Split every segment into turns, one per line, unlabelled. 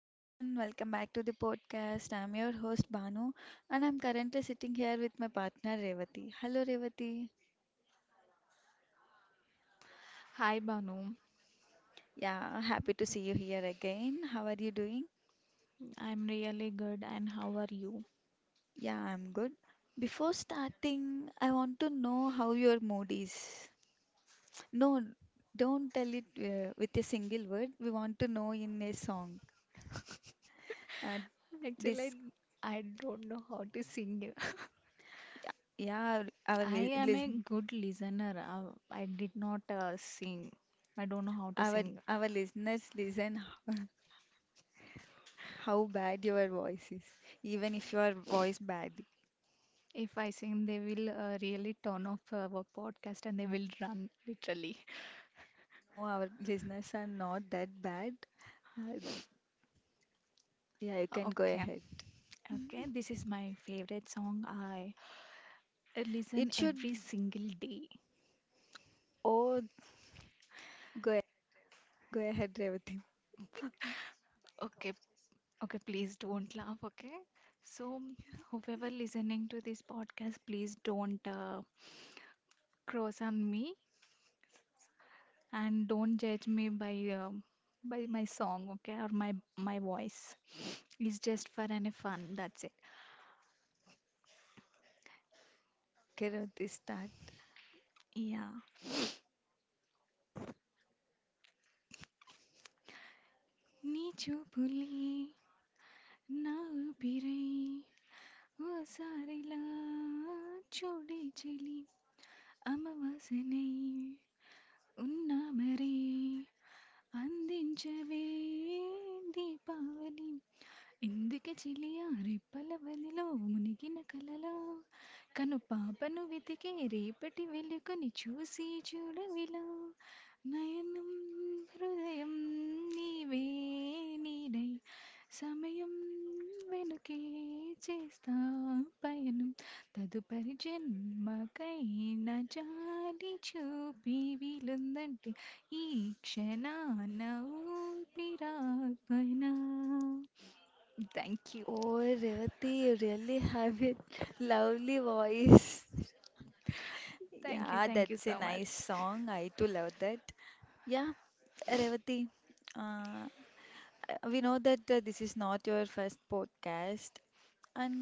everyone, welcome back to the podcast. I'm your host Banu and I'm currently sitting here with my partner Revati. Hello Revati.
Hi Banu,
Yeah, happy to see you here again. How are you doing?
I'm really good and how are you?
Yeah, I'm good. Before starting, I want to know how your mood is. No, don't tell it with a single word. We want to know in a song. Uh,
Actually,
this,
don't know how to sing.
yeah,
I am a
listen,
good listener. I did not sing. I don't know how to
our
sing.
our listeners listen. How bad your voice is, even if your voice bad.
If I sing, they will really turn off our podcast and they will run literally.
No, our listeners are not that bad. Uh, yeah, you can go
Okay,
ahead.
okay, this is my favorite song. I listen
It
every
should.
single day.
Oh, go go ahead, Revati.
Okay, okay, please don't laugh, okay? So, whoever listening to this podcast, please don't cross on me and don't judge me by my song, okay, or my voice. It's just for any fun, that's it.
Okay, Revati, start.
Yeah. నీ చూపులే నా ఊపిరై ఓసారిలా చూడి చెలి అమవాసనై ఉన్నామరే అందించవే దీపావళి ఎందుకె చిలియా రెప్పల వలెలో మునిగిన కలలా కనుపాపను వెతికే రేపటి వెలుగుని చూసి చూడవిలా నయనం హృదయం నీవే నీడై సమయం వెనుకే చేస్తా పయనం తదుపరి జన్మకై నా జాలి చూపి వీలుందంటే ఈ క్షణాన ఊపిరాపనా Thank you.
Oh, Revati, you really have a lovely voice.
Thank you.
Yeah,
Thank you
that's a
so much.
nice song. I too love that. Yeah, Revati, uh, we know that this is not your first podcast, and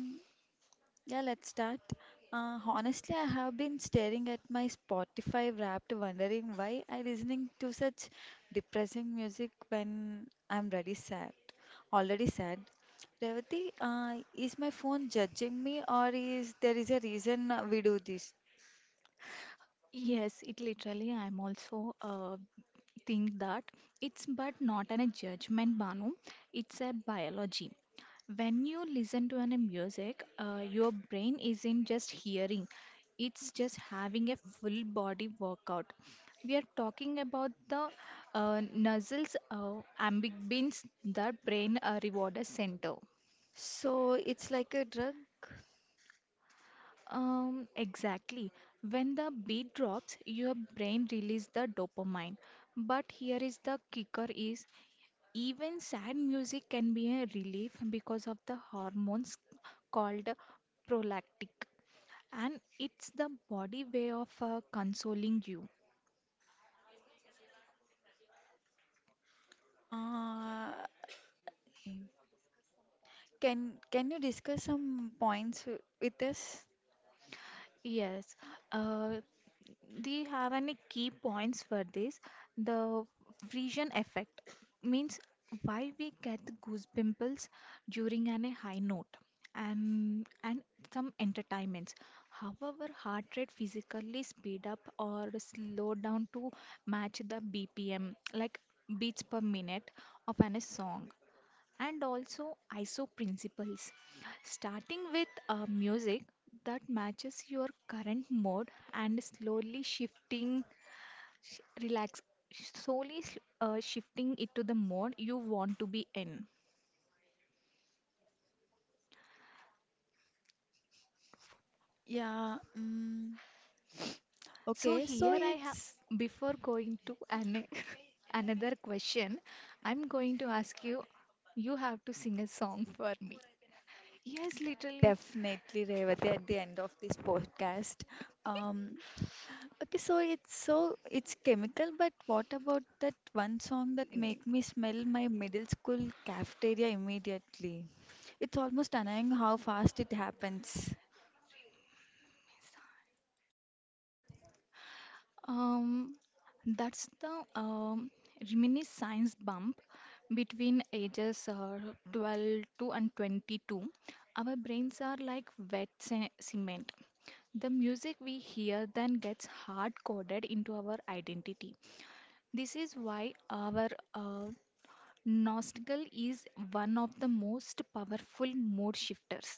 yeah, let's start. Honestly, I have been staring at my Spotify Wrapped, wondering why I listening to such depressing music when already sad. Revati, is my phone judging me, or is there is a reason we do this?
Yes, it literally, I'm also think that it's but not an a judgment, Banu. It's a biology. When you listen to an a music, your brain isn't just hearing, it's just having a full body workout. We are talking about the nuzzles, ambient beans, the brain reward center.
So it's like a drug.
Exactly. When the beat drops, your brain releases the dopamine. But here is the kicker is even sad music can be a relief because of the hormones called prolactic. And it's the body way of consoling you.
Uh, can you discuss some points with us?
Yes, uh, they have any key points for this. The Frisian effect means why we get the goose pimples during an a high note and some entertainments. However, heart rate physically speed up or slow down to match the BPM, like beats per minute of an a song and also ISO principles. Starting with music that matches your current mode and slowly shifting, relax, slowly shifting it to the mode you want to be in.
Yeah.
So
Okay. So
here I have,
it's
before going to an another question, I'm going to ask you, you have to sing a song for me. Yes, literally.
definitely, Revati, at the end of this podcast. Um, okay, so it's chemical, but what about that one song that make me smell my middle school cafeteria immediately? It's almost annoying how fast it happens.
Um, that's the reminiscence bump between ages 12 to and 22. Our brains are like wet cement. The music we hear then gets hard coded into our identity. This is why our uh, nostril is one of the most powerful mood shifters.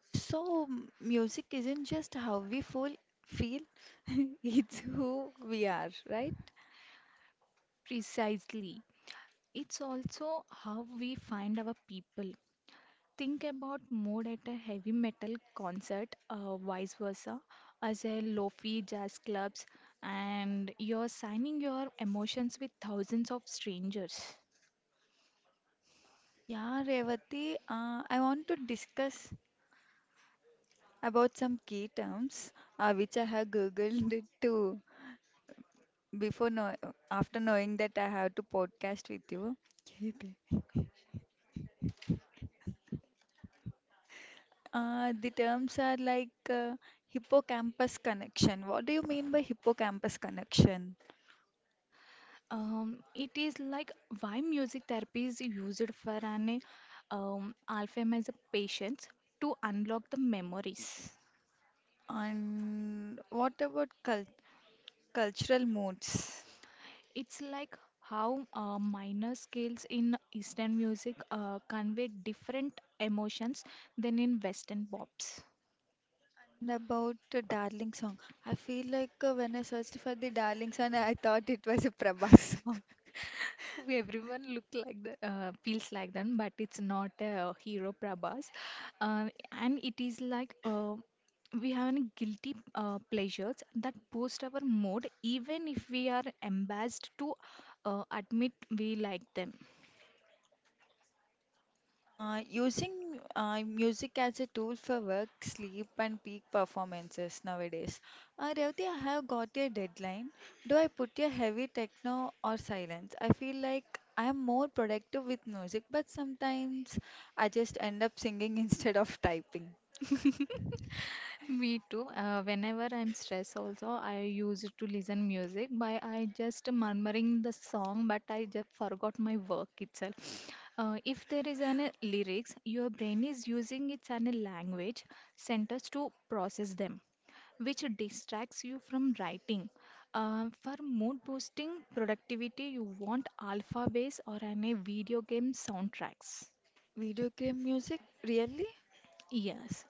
So music isn't just how we feel, it's who we are, right?
Precisely. It's also how we find our people. Think about mood at a heavy metal concert, vice versa, as a lofi jazz clubs, and you're signing your emotions with thousands of strangers.
Yeah, Revati, I want to discuss about some key terms which I have googled to before know after knowing that I have to podcast with you, the terms are like hippocampus connection. What do you mean by hippocampus connection?
It is like why music therapy is used for an Alzheimer's patients to unlock the memories.
And what about cultural moods?
It's like how minor scales in Eastern music convey different emotions than in Western pops.
And about the Darling song, I feel like when I searched for the Darling song, I thought it was a Prabhas song.
We everyone look like the feels like them, but it's not a hero Prabhas, and it is like we have any guilty pleasures that boost our mood, even if we are embarrassed to admit we like them.
Using music as a tool for work, sleep, and peak performances nowadays. Revati, I have got a deadline. Do I put a heavy techno or silence? I feel like I am more productive with music, but sometimes I just end up singing instead of typing.
Me too. Whenever I'm stressed, also I use it to listen music. By I just murmuring the song, but I just forgot my work itself. If there is any lyrics, your brain is using its any language centers to process them, which distracts you from writing. For mood boosting productivity, you want alpha bass or any video game soundtracks.
Video game music? Really?
Yes,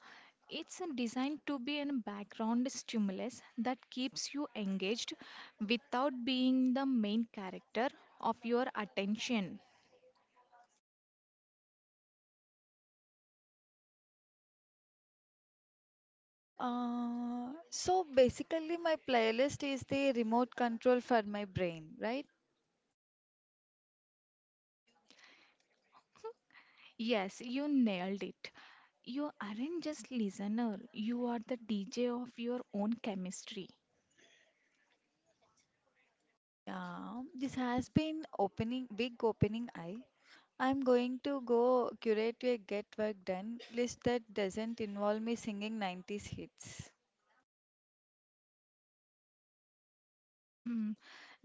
it's a designed to be a background stimulus that keeps you engaged without being the main character of your attention.
So basically, my playlist is the remote control for my brain, right?
Yes, you nailed it. You aren't just listener, you are the DJ of your own chemistry.
Yeah, this has been opening big opening eye. I'm going to go curate a get work done list that doesn't involve me singing 90's hits.
Mm,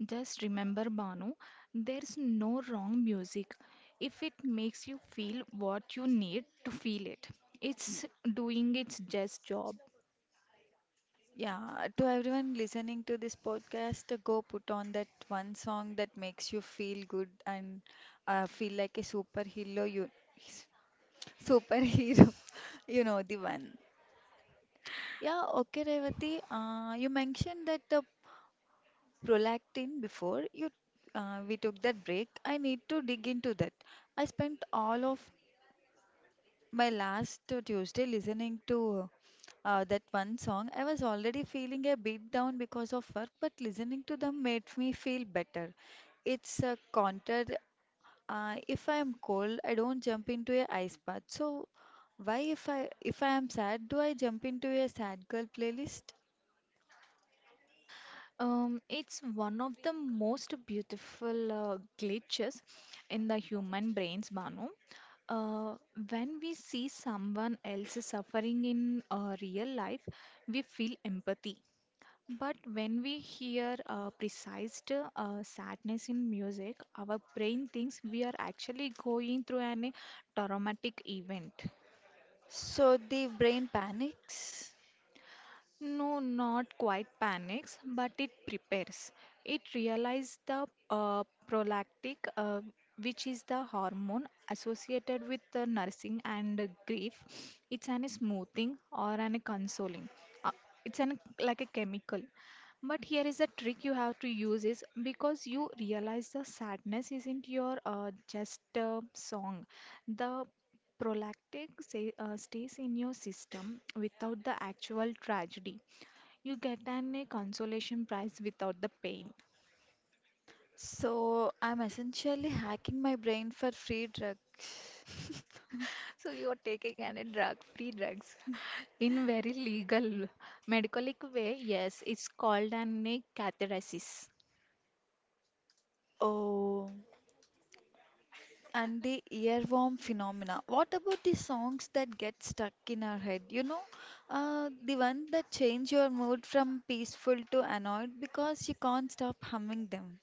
just remember, Banu, there's no wrong music. If it makes you feel what you need to feel it, it's doing its just job.
Yeah, to everyone listening to this podcast, go put on that one song that makes you feel good and feel like a superhero. You, superhero, you know the one. Yeah, okay, Revati. You mentioned that the prolactin before you we took that break. I need to dig into that. I spent all of my last Tuesday, listening to that one song. I was already feeling a bit down because of work, but listening to them made me feel better. It's a counter. If I am cold, I don't jump into a ice bath. So why if I am sad, do I jump into a sad girl playlist?
It's one of the most beautiful glitches in the human brains, Banu. Uh, when we see someone else suffering in real life, we feel empathy. But when we hear precise sadness in music, our brain thinks we are actually going through an, a traumatic event.
So the brain panics.
No, not quite panics, but it prepares. It realizes the prolactic, which is the hormone associated with the nursing and grief. It's an smoothing or an consoling. Uh, it's an like a chemical. But here is the trick you have to use is because you realize the sadness isn't your just a song. The prolactic say, stays in your system without the actual tragedy. You get an a consolation prize without the pain.
So I'm essentially hacking my brain for free drugs.
So you are taking any drug, free drugs. In very legal, medicalic way, yes, it's called an a catheteresis.
Oh. And the earworm phenomena. What about the songs that get stuck in our head? You know, the one that change your mood from peaceful to annoyed because you can't stop humming them.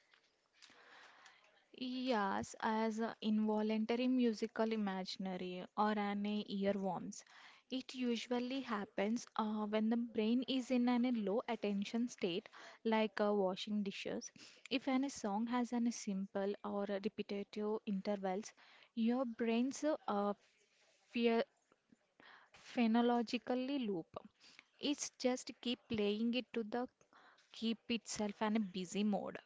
Yes, as a involuntary musical imaginary or an earworms. It usually happens when the brain is in an, a low attention state, like washing dishes. If any song has an simple or a repetitive intervals, your brain's phe- phenologically loop. It's just keep playing it to the keep itself in a busy mode.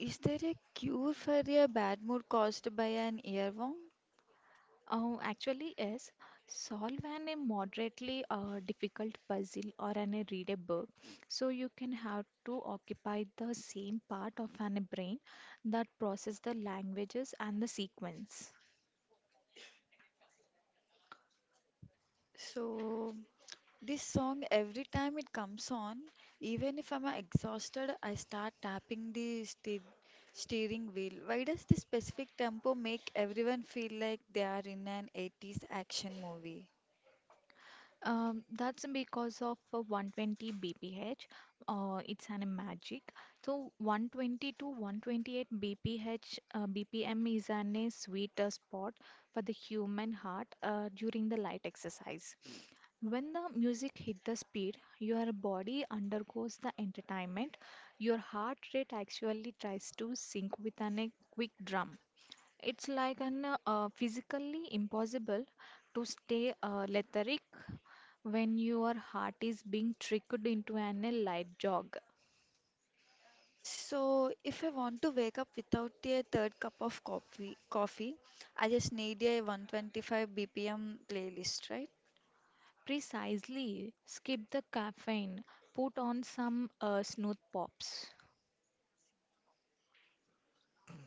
Is there a cure for a bad mood caused by an earworm?
Oh, actually, is solve an a moderately difficult puzzle or an a read a book. So you can have to occupy the same part of an a brain that process the languages and the sequence.
So, this song, every time it comes on, even if I'm exhausted, I start tapping the steering wheel. Why does this specific tempo make everyone feel like they are in an 80's action movie?
That's because of 120 bph. It's an magic. So 120 to 128 bph bpm is an a sweet spot for the human heart during the light exercise. When the music hit the speed, your body undergoes the entertainment. Your heart rate actually tries to sync with an, a quick drum. It's like an physically impossible to stay lethargic when your heart is being tricked into an a light jog.
So, if I want to wake up without a third cup of coffee, I just need a 125 BPM playlist, right?
Precisely, skip the caffeine, put on some smooth pops.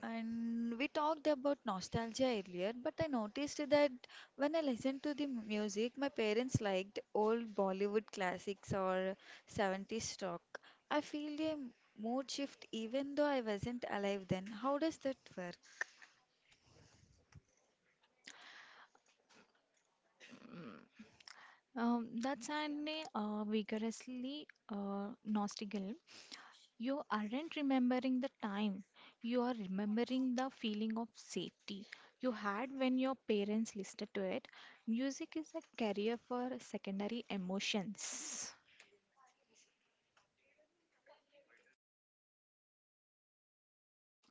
And we talked about nostalgia earlier, but I noticed that when I listened to the music, my parents liked old Bollywood classics or 70's rock. I feel a mood shift even though I wasn't alive then. How does that work?
That's an vigorously nostical. You aren't remembering the time. You are remembering the feeling of safety you had when your parents listened to it. Music is a carrier for secondary emotions.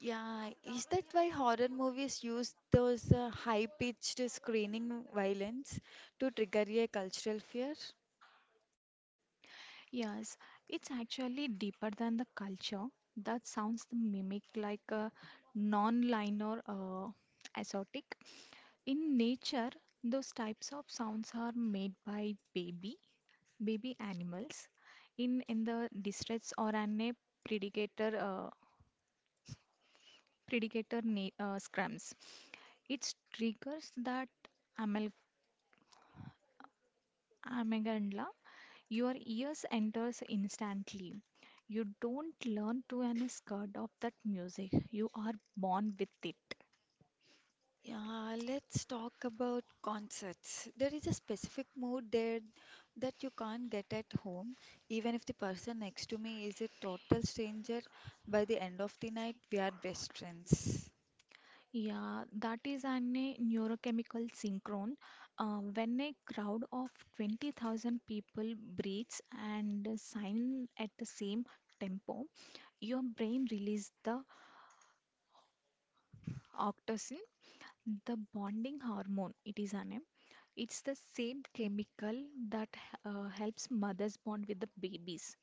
Yeah, is that why horror movies use those high-pitched screaming violence to trigger a cultural fear?
Yes, it's actually deeper than the culture. That sounds the mimic like a non-linear exotic. In nature, those types of sounds are made by baby animals in the distress or an a predator uh, predator scrums. It triggers that amal- amygdala. Your ears enters instantly. You don't learn to an scared of that music. You are born with it.
Yeah, let's talk about concerts. There is a specific mood there that you can't get at home, even if the person next to me is a total stranger. By the end of the night, we are best friends.
Yeah, that is an a neurochemical synchrone. When a crowd of 20,000 people breathes and sign at the same tempo, your brain releases the oxytocin, the bonding hormone. It is an a. It's the same chemical that helps mothers bond with the babies.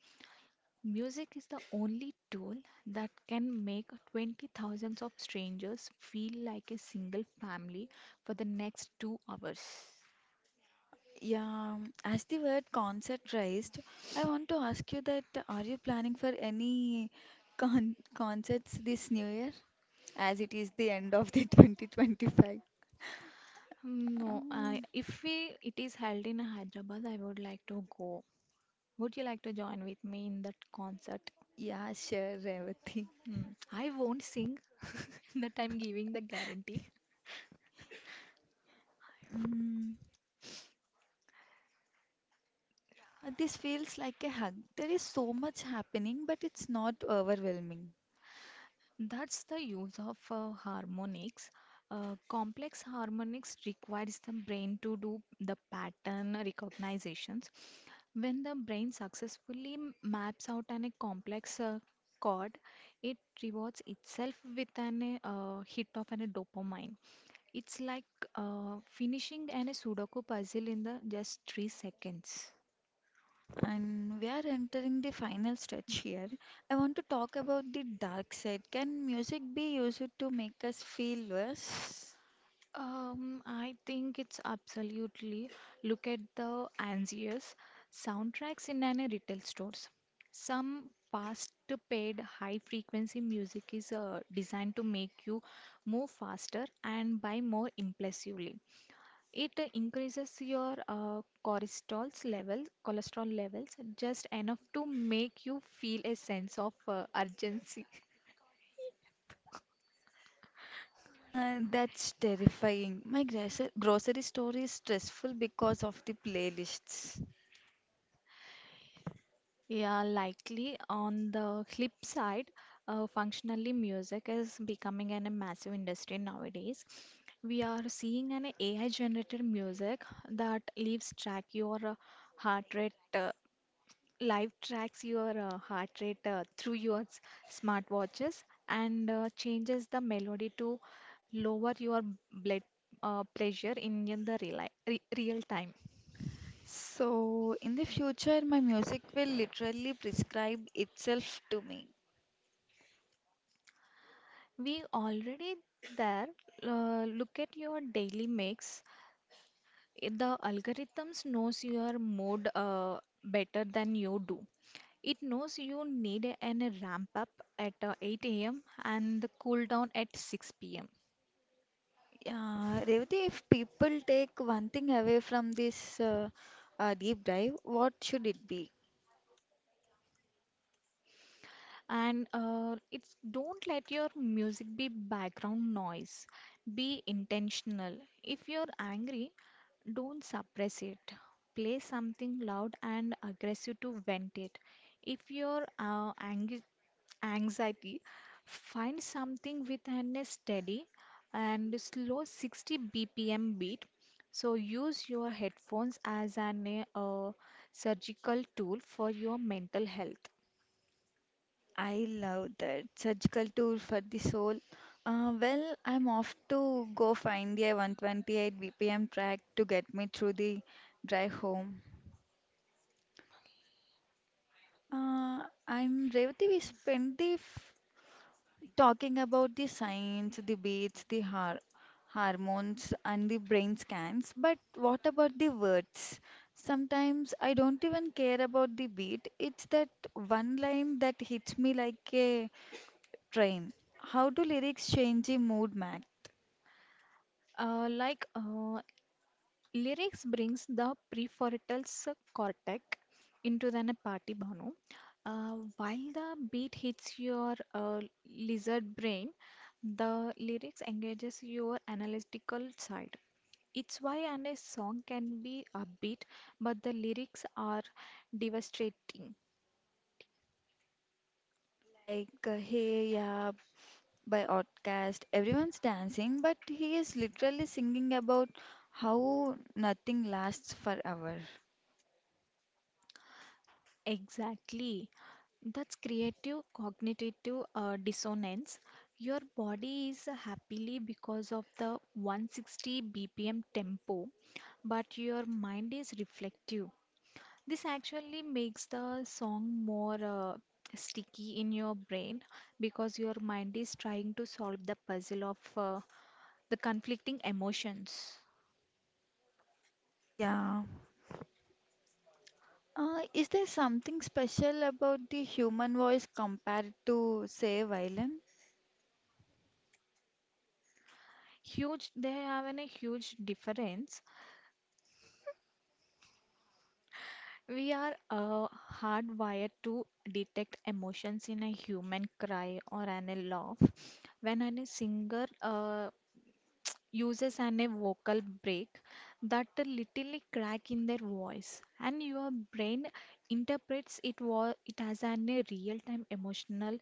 Music is the only tool that can make twenty thousands of strangers feel like a single family for the next 2 hours.
Uh, yeah, as the word concert raised, I want to ask you that are you planning for any concerts this new year, as it is the end of the 2025?
No, I,
Um,
if we, it is held in Hyderabad, I would like to go. Would you like to join with me in that concert?
yeah, sure, Revati.
Hmm, I won't sing, that I'm giving the guarantee.
Mm. Yeah, this feels like a hug. There is so much happening, but it's not overwhelming.
That's the use of harmonics. Complex harmonics requires the brain to do the pattern recognitions. When the brain successfully maps out an, a complex chord, it rewards itself with an hit of an, a dopamine. It's like finishing an, a Sudoku puzzle in the just 3 seconds.
And we are entering the final stretch here. I want to talk about the dark side. Can music be used to make us feel worse?
I think it's absolutely. Look at the anxious soundtracks in any retail stores. Some past paid high frequency music is designed to make you move faster and buy more impulsively. It increases your cholesterol levels just enough to make you feel a sense of urgency.
That's terrifying. My grocery store is stressful because of the playlists.
Yeah, likely. On the flip side, functionally, music is becoming an, a massive industry nowadays. We are seeing an AI-generated music that leaves track your heart rate, uh, live tracks your heart rate through your smartwatches and changes the melody to lower your blood pressure in the real time.
So, in the future, my music will literally prescribe itself to me.
We already there. Look at your daily mix. The algorithms knows your mood better than you do. It knows you need an ramp up at 8 a.m. and the cool down at 6 p.m.
Yeah, Revati, if people take one thing away from this deep dive, what should it be?
And it's don't let your music be background noise. Be intentional. If you're angry, don't suppress it. Play something loud and aggressive to vent it. If you're anxiety, find something with an a steady and slow 60 BPM beat. So use your headphones as an surgical tool for your mental health.
I love that surgical tool for the soul. Well, I'm off to go find the 128 BPM track to get me through the drive home. Uh, I'm Revati. We spent talking about the science, the beats, the hormones, and the brain scans. But what about the words? Sometimes I don't even care about the beat. It's that one line that hits me like a train. How do lyrics change the mood, Mac?
Uh, like uh, Lyrics brings the prefrontal cortex into the party bhanu, while the beat hits your lizard brain. The lyrics engages your analytical side. It's why and a song can be upbeat, but the lyrics are devastating.
Like, hey, yeah, by Outcast, everyone's dancing, but he is literally singing about how nothing lasts forever.
Exactly. That's creative cognitive dissonance. Your body is happily because of the 160 BPM tempo, but your mind is reflective. This actually makes the song more sticky in your brain because your mind is trying to solve the puzzle of the conflicting emotions.
Yeah. Is there something special about the human voice compared to, say, violin?
Huge, they have a huge difference. We are hardwired to detect emotions in a human cry or an a laugh. When a singer uses and a vocal break, that a little crack in their voice, and your brain interprets it it as an a real time emotional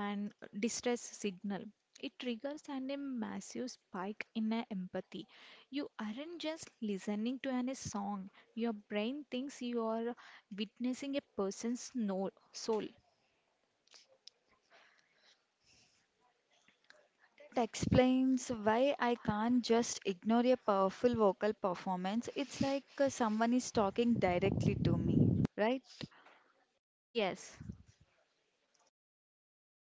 and distress signal. It triggers an a massive spike in a empathy. You aren't just listening to an a song, your brain thinks you are witnessing a person's soul.
That explains why I can't just ignore a powerful vocal performance. It's like someone is talking directly to me, right?
Yes.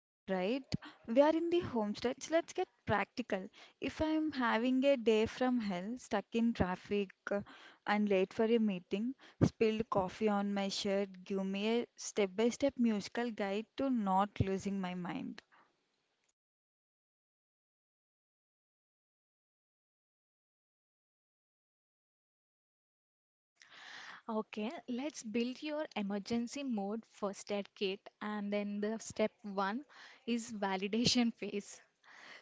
All right, we are in the home stretch. Let's get practical. If I'm having a day from hell, stuck in traffic, and late for a meeting, spilled coffee on my shirt, give me a step by step musical guide to not losing my mind.
Okay, let's build your emergency mode first aid kit, and then the step one is validation phase.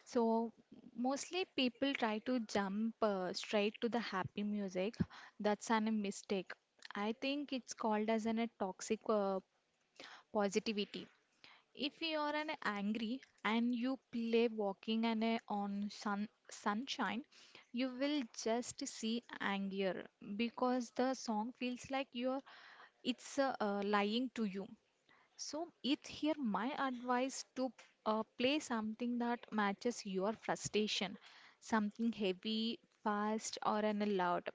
So mostly people try to jump straight to the happy music. That's a mistake. I think it's called as a toxic positivity. If you are an angry and you play walking and a on sunshine, you will just see anger because the song feels like you are, it's lying to you. So it here my advice to play something that matches your frustration, something heavy, fast or an loud.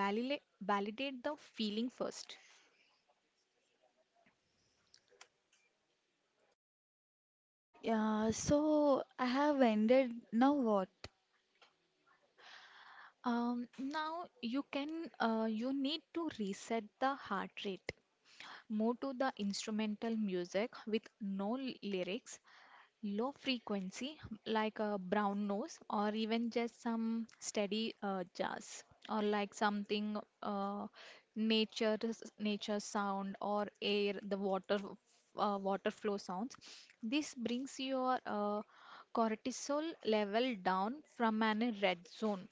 Validate the feeling first.
Yeah, so I have ended. Now what?
Now you can, you need to reset the heart rate. Move to the instrumental music with no lyrics, low frequency, like a brown noise, or even just some steady jazz, or like something uh, nature nature sound or air, the water, water flow sounds. This brings your cortisol level down from an red zone.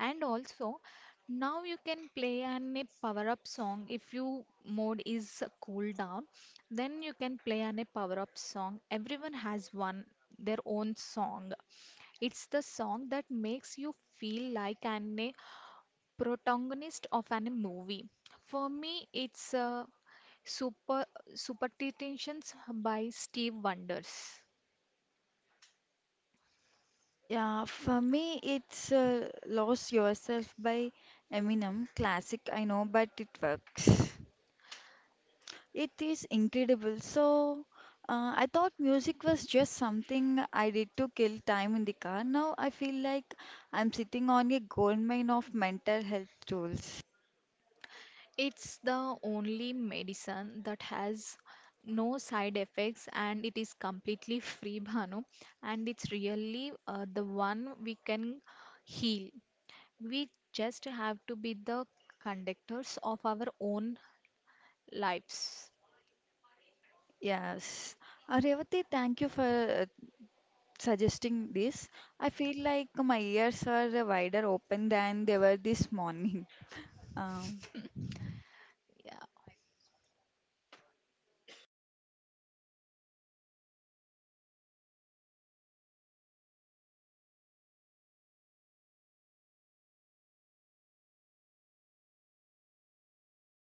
And also, now you can play an a power up song if you mode is cool down. Then you can play an a power up song. Everyone has one, their own song. It's the song that makes you feel like an a protagonist of an a movie. For me, it's Super Superstitions by Steve Wonders.
Yeah, for me it's Lose Yourself by Eminem. Classic, I know, but it works. It is incredible. So I thought music was just something I did to kill time in the car. Now I feel like I'm sitting on a goldmine of mental health tools.
It's the only medicine that has no side effects, and it is completely free, Bhanu. And it's really the one we can heal. We just have to be the conductors of our own lives.
Yes. Revati, thank you for uh, suggesting this. I feel like my ears are wider open than they were this morning. Um,
Yeah.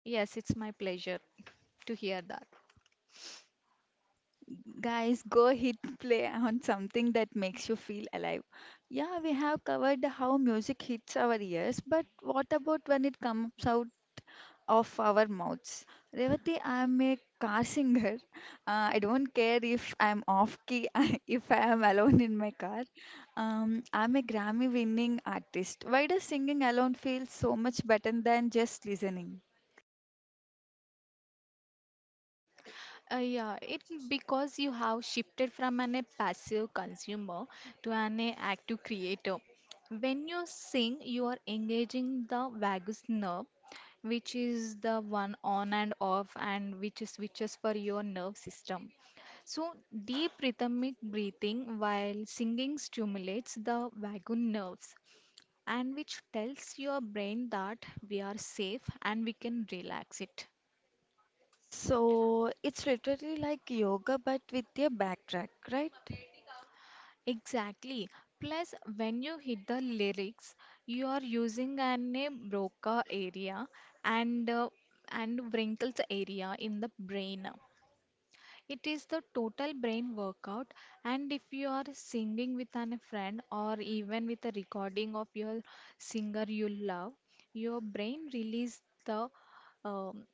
Yes, it's my pleasure to hear that.
guys, go hit play on something that makes you feel alive. Yeah, we have covered how music hits our ears, but what about when it comes out of our mouths. Revati, I'm a car singer. I don't care if I'm off key, if I am alone in my car. I'm a Grammy winning artist. Why does singing alone feel so much better than just listening?
Yeah, it's because you have shifted from an a passive consumer to an a active creator. When you sing, you are engaging the vagus nerve, which is the one on and off, and which switches for your nerve system. So, deep rhythmic breathing while singing stimulates the vagus nerves, and which tells your brain that we are safe and we can relax it.
So it's literally like yoga but with a backtrack, right?
Exactly. Plus, when you hit the lyrics, you are using an a Broca area and and Wrinkles area in the brain. It is the total brain workout. And if you are singing with an a friend, or even with a recording of your singer you love, your brain release the um,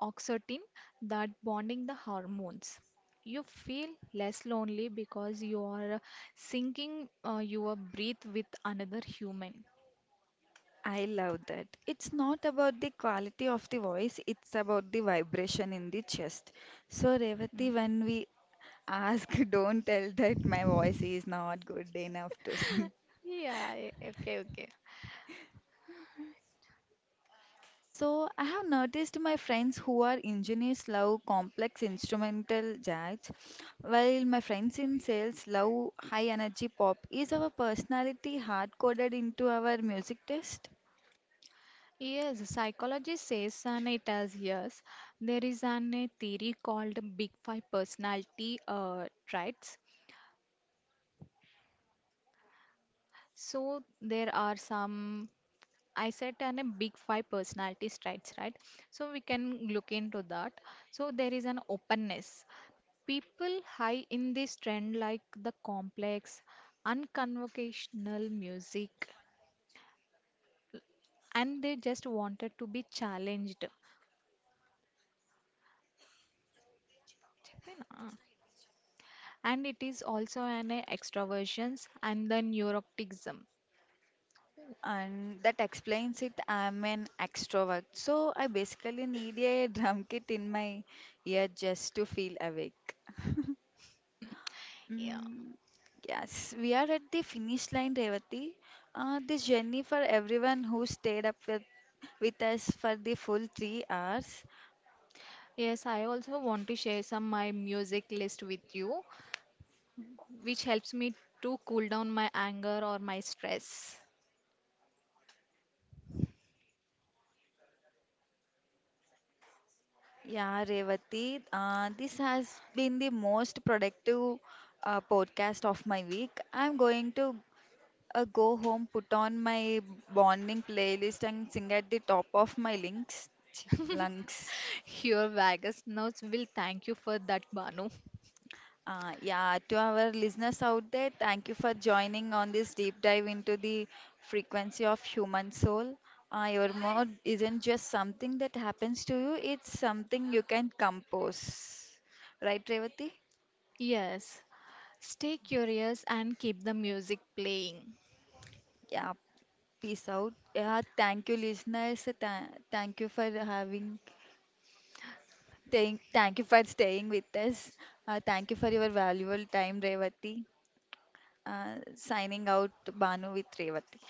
oxytocin, that bonding the hormones. You feel less lonely because you are syncing your breath with another human.
I love that. It's not about the quality of the voice, it's about the vibration in the chest. So,
Mm.
Revati, when we ask, don't tell that my voice is not good enough to sing.
Yeah, eh, okay, okay.
So, I have noticed my friends who are engineers love complex instrumental jazz, while my friends in sales love high energy pop. Is our personality hard coded into our music taste?
Yes, psychology says, and it has, yes, there is an a theory called Big Five personality traits. So there are some, I said and a big five personality traits, right? So we can look into that. So there is an openness. People high in this trend like the complex, unconvocational music, and they just wanted to be challenged. Ah. And it is also an extroversions and the neuroticism.
And that explains it. I'm an extrovert, so I basically need a drum kit in my ear just to feel awake.
Yeah.
Mm, yes, we are at the finish line, Revati. This journey for everyone who stayed up with us for the full 3 hours.
Yes, I also want to share some my music list with you, which helps me to cool down my anger or my stress.
Yeah, Revati, this has been the most productive podcast of my week. I'm going to go home, put on my bonding playlist, and sing at the top of my lungs.
Your vagus nerves will thank you for that, Banu.
Yeah, to our listeners out there, thank you for joining on this deep dive into the frequency of human soul. Your mood isn't just something that happens to you, it's something you can compose. Right, Revati?
Yes, stay curious and keep the music playing.
Yeah, peace out. Yeah, thank you, listeners. Thank you for thank you for staying with us. Thank you for your valuable time, Revati. Signing out, Banu with Revati.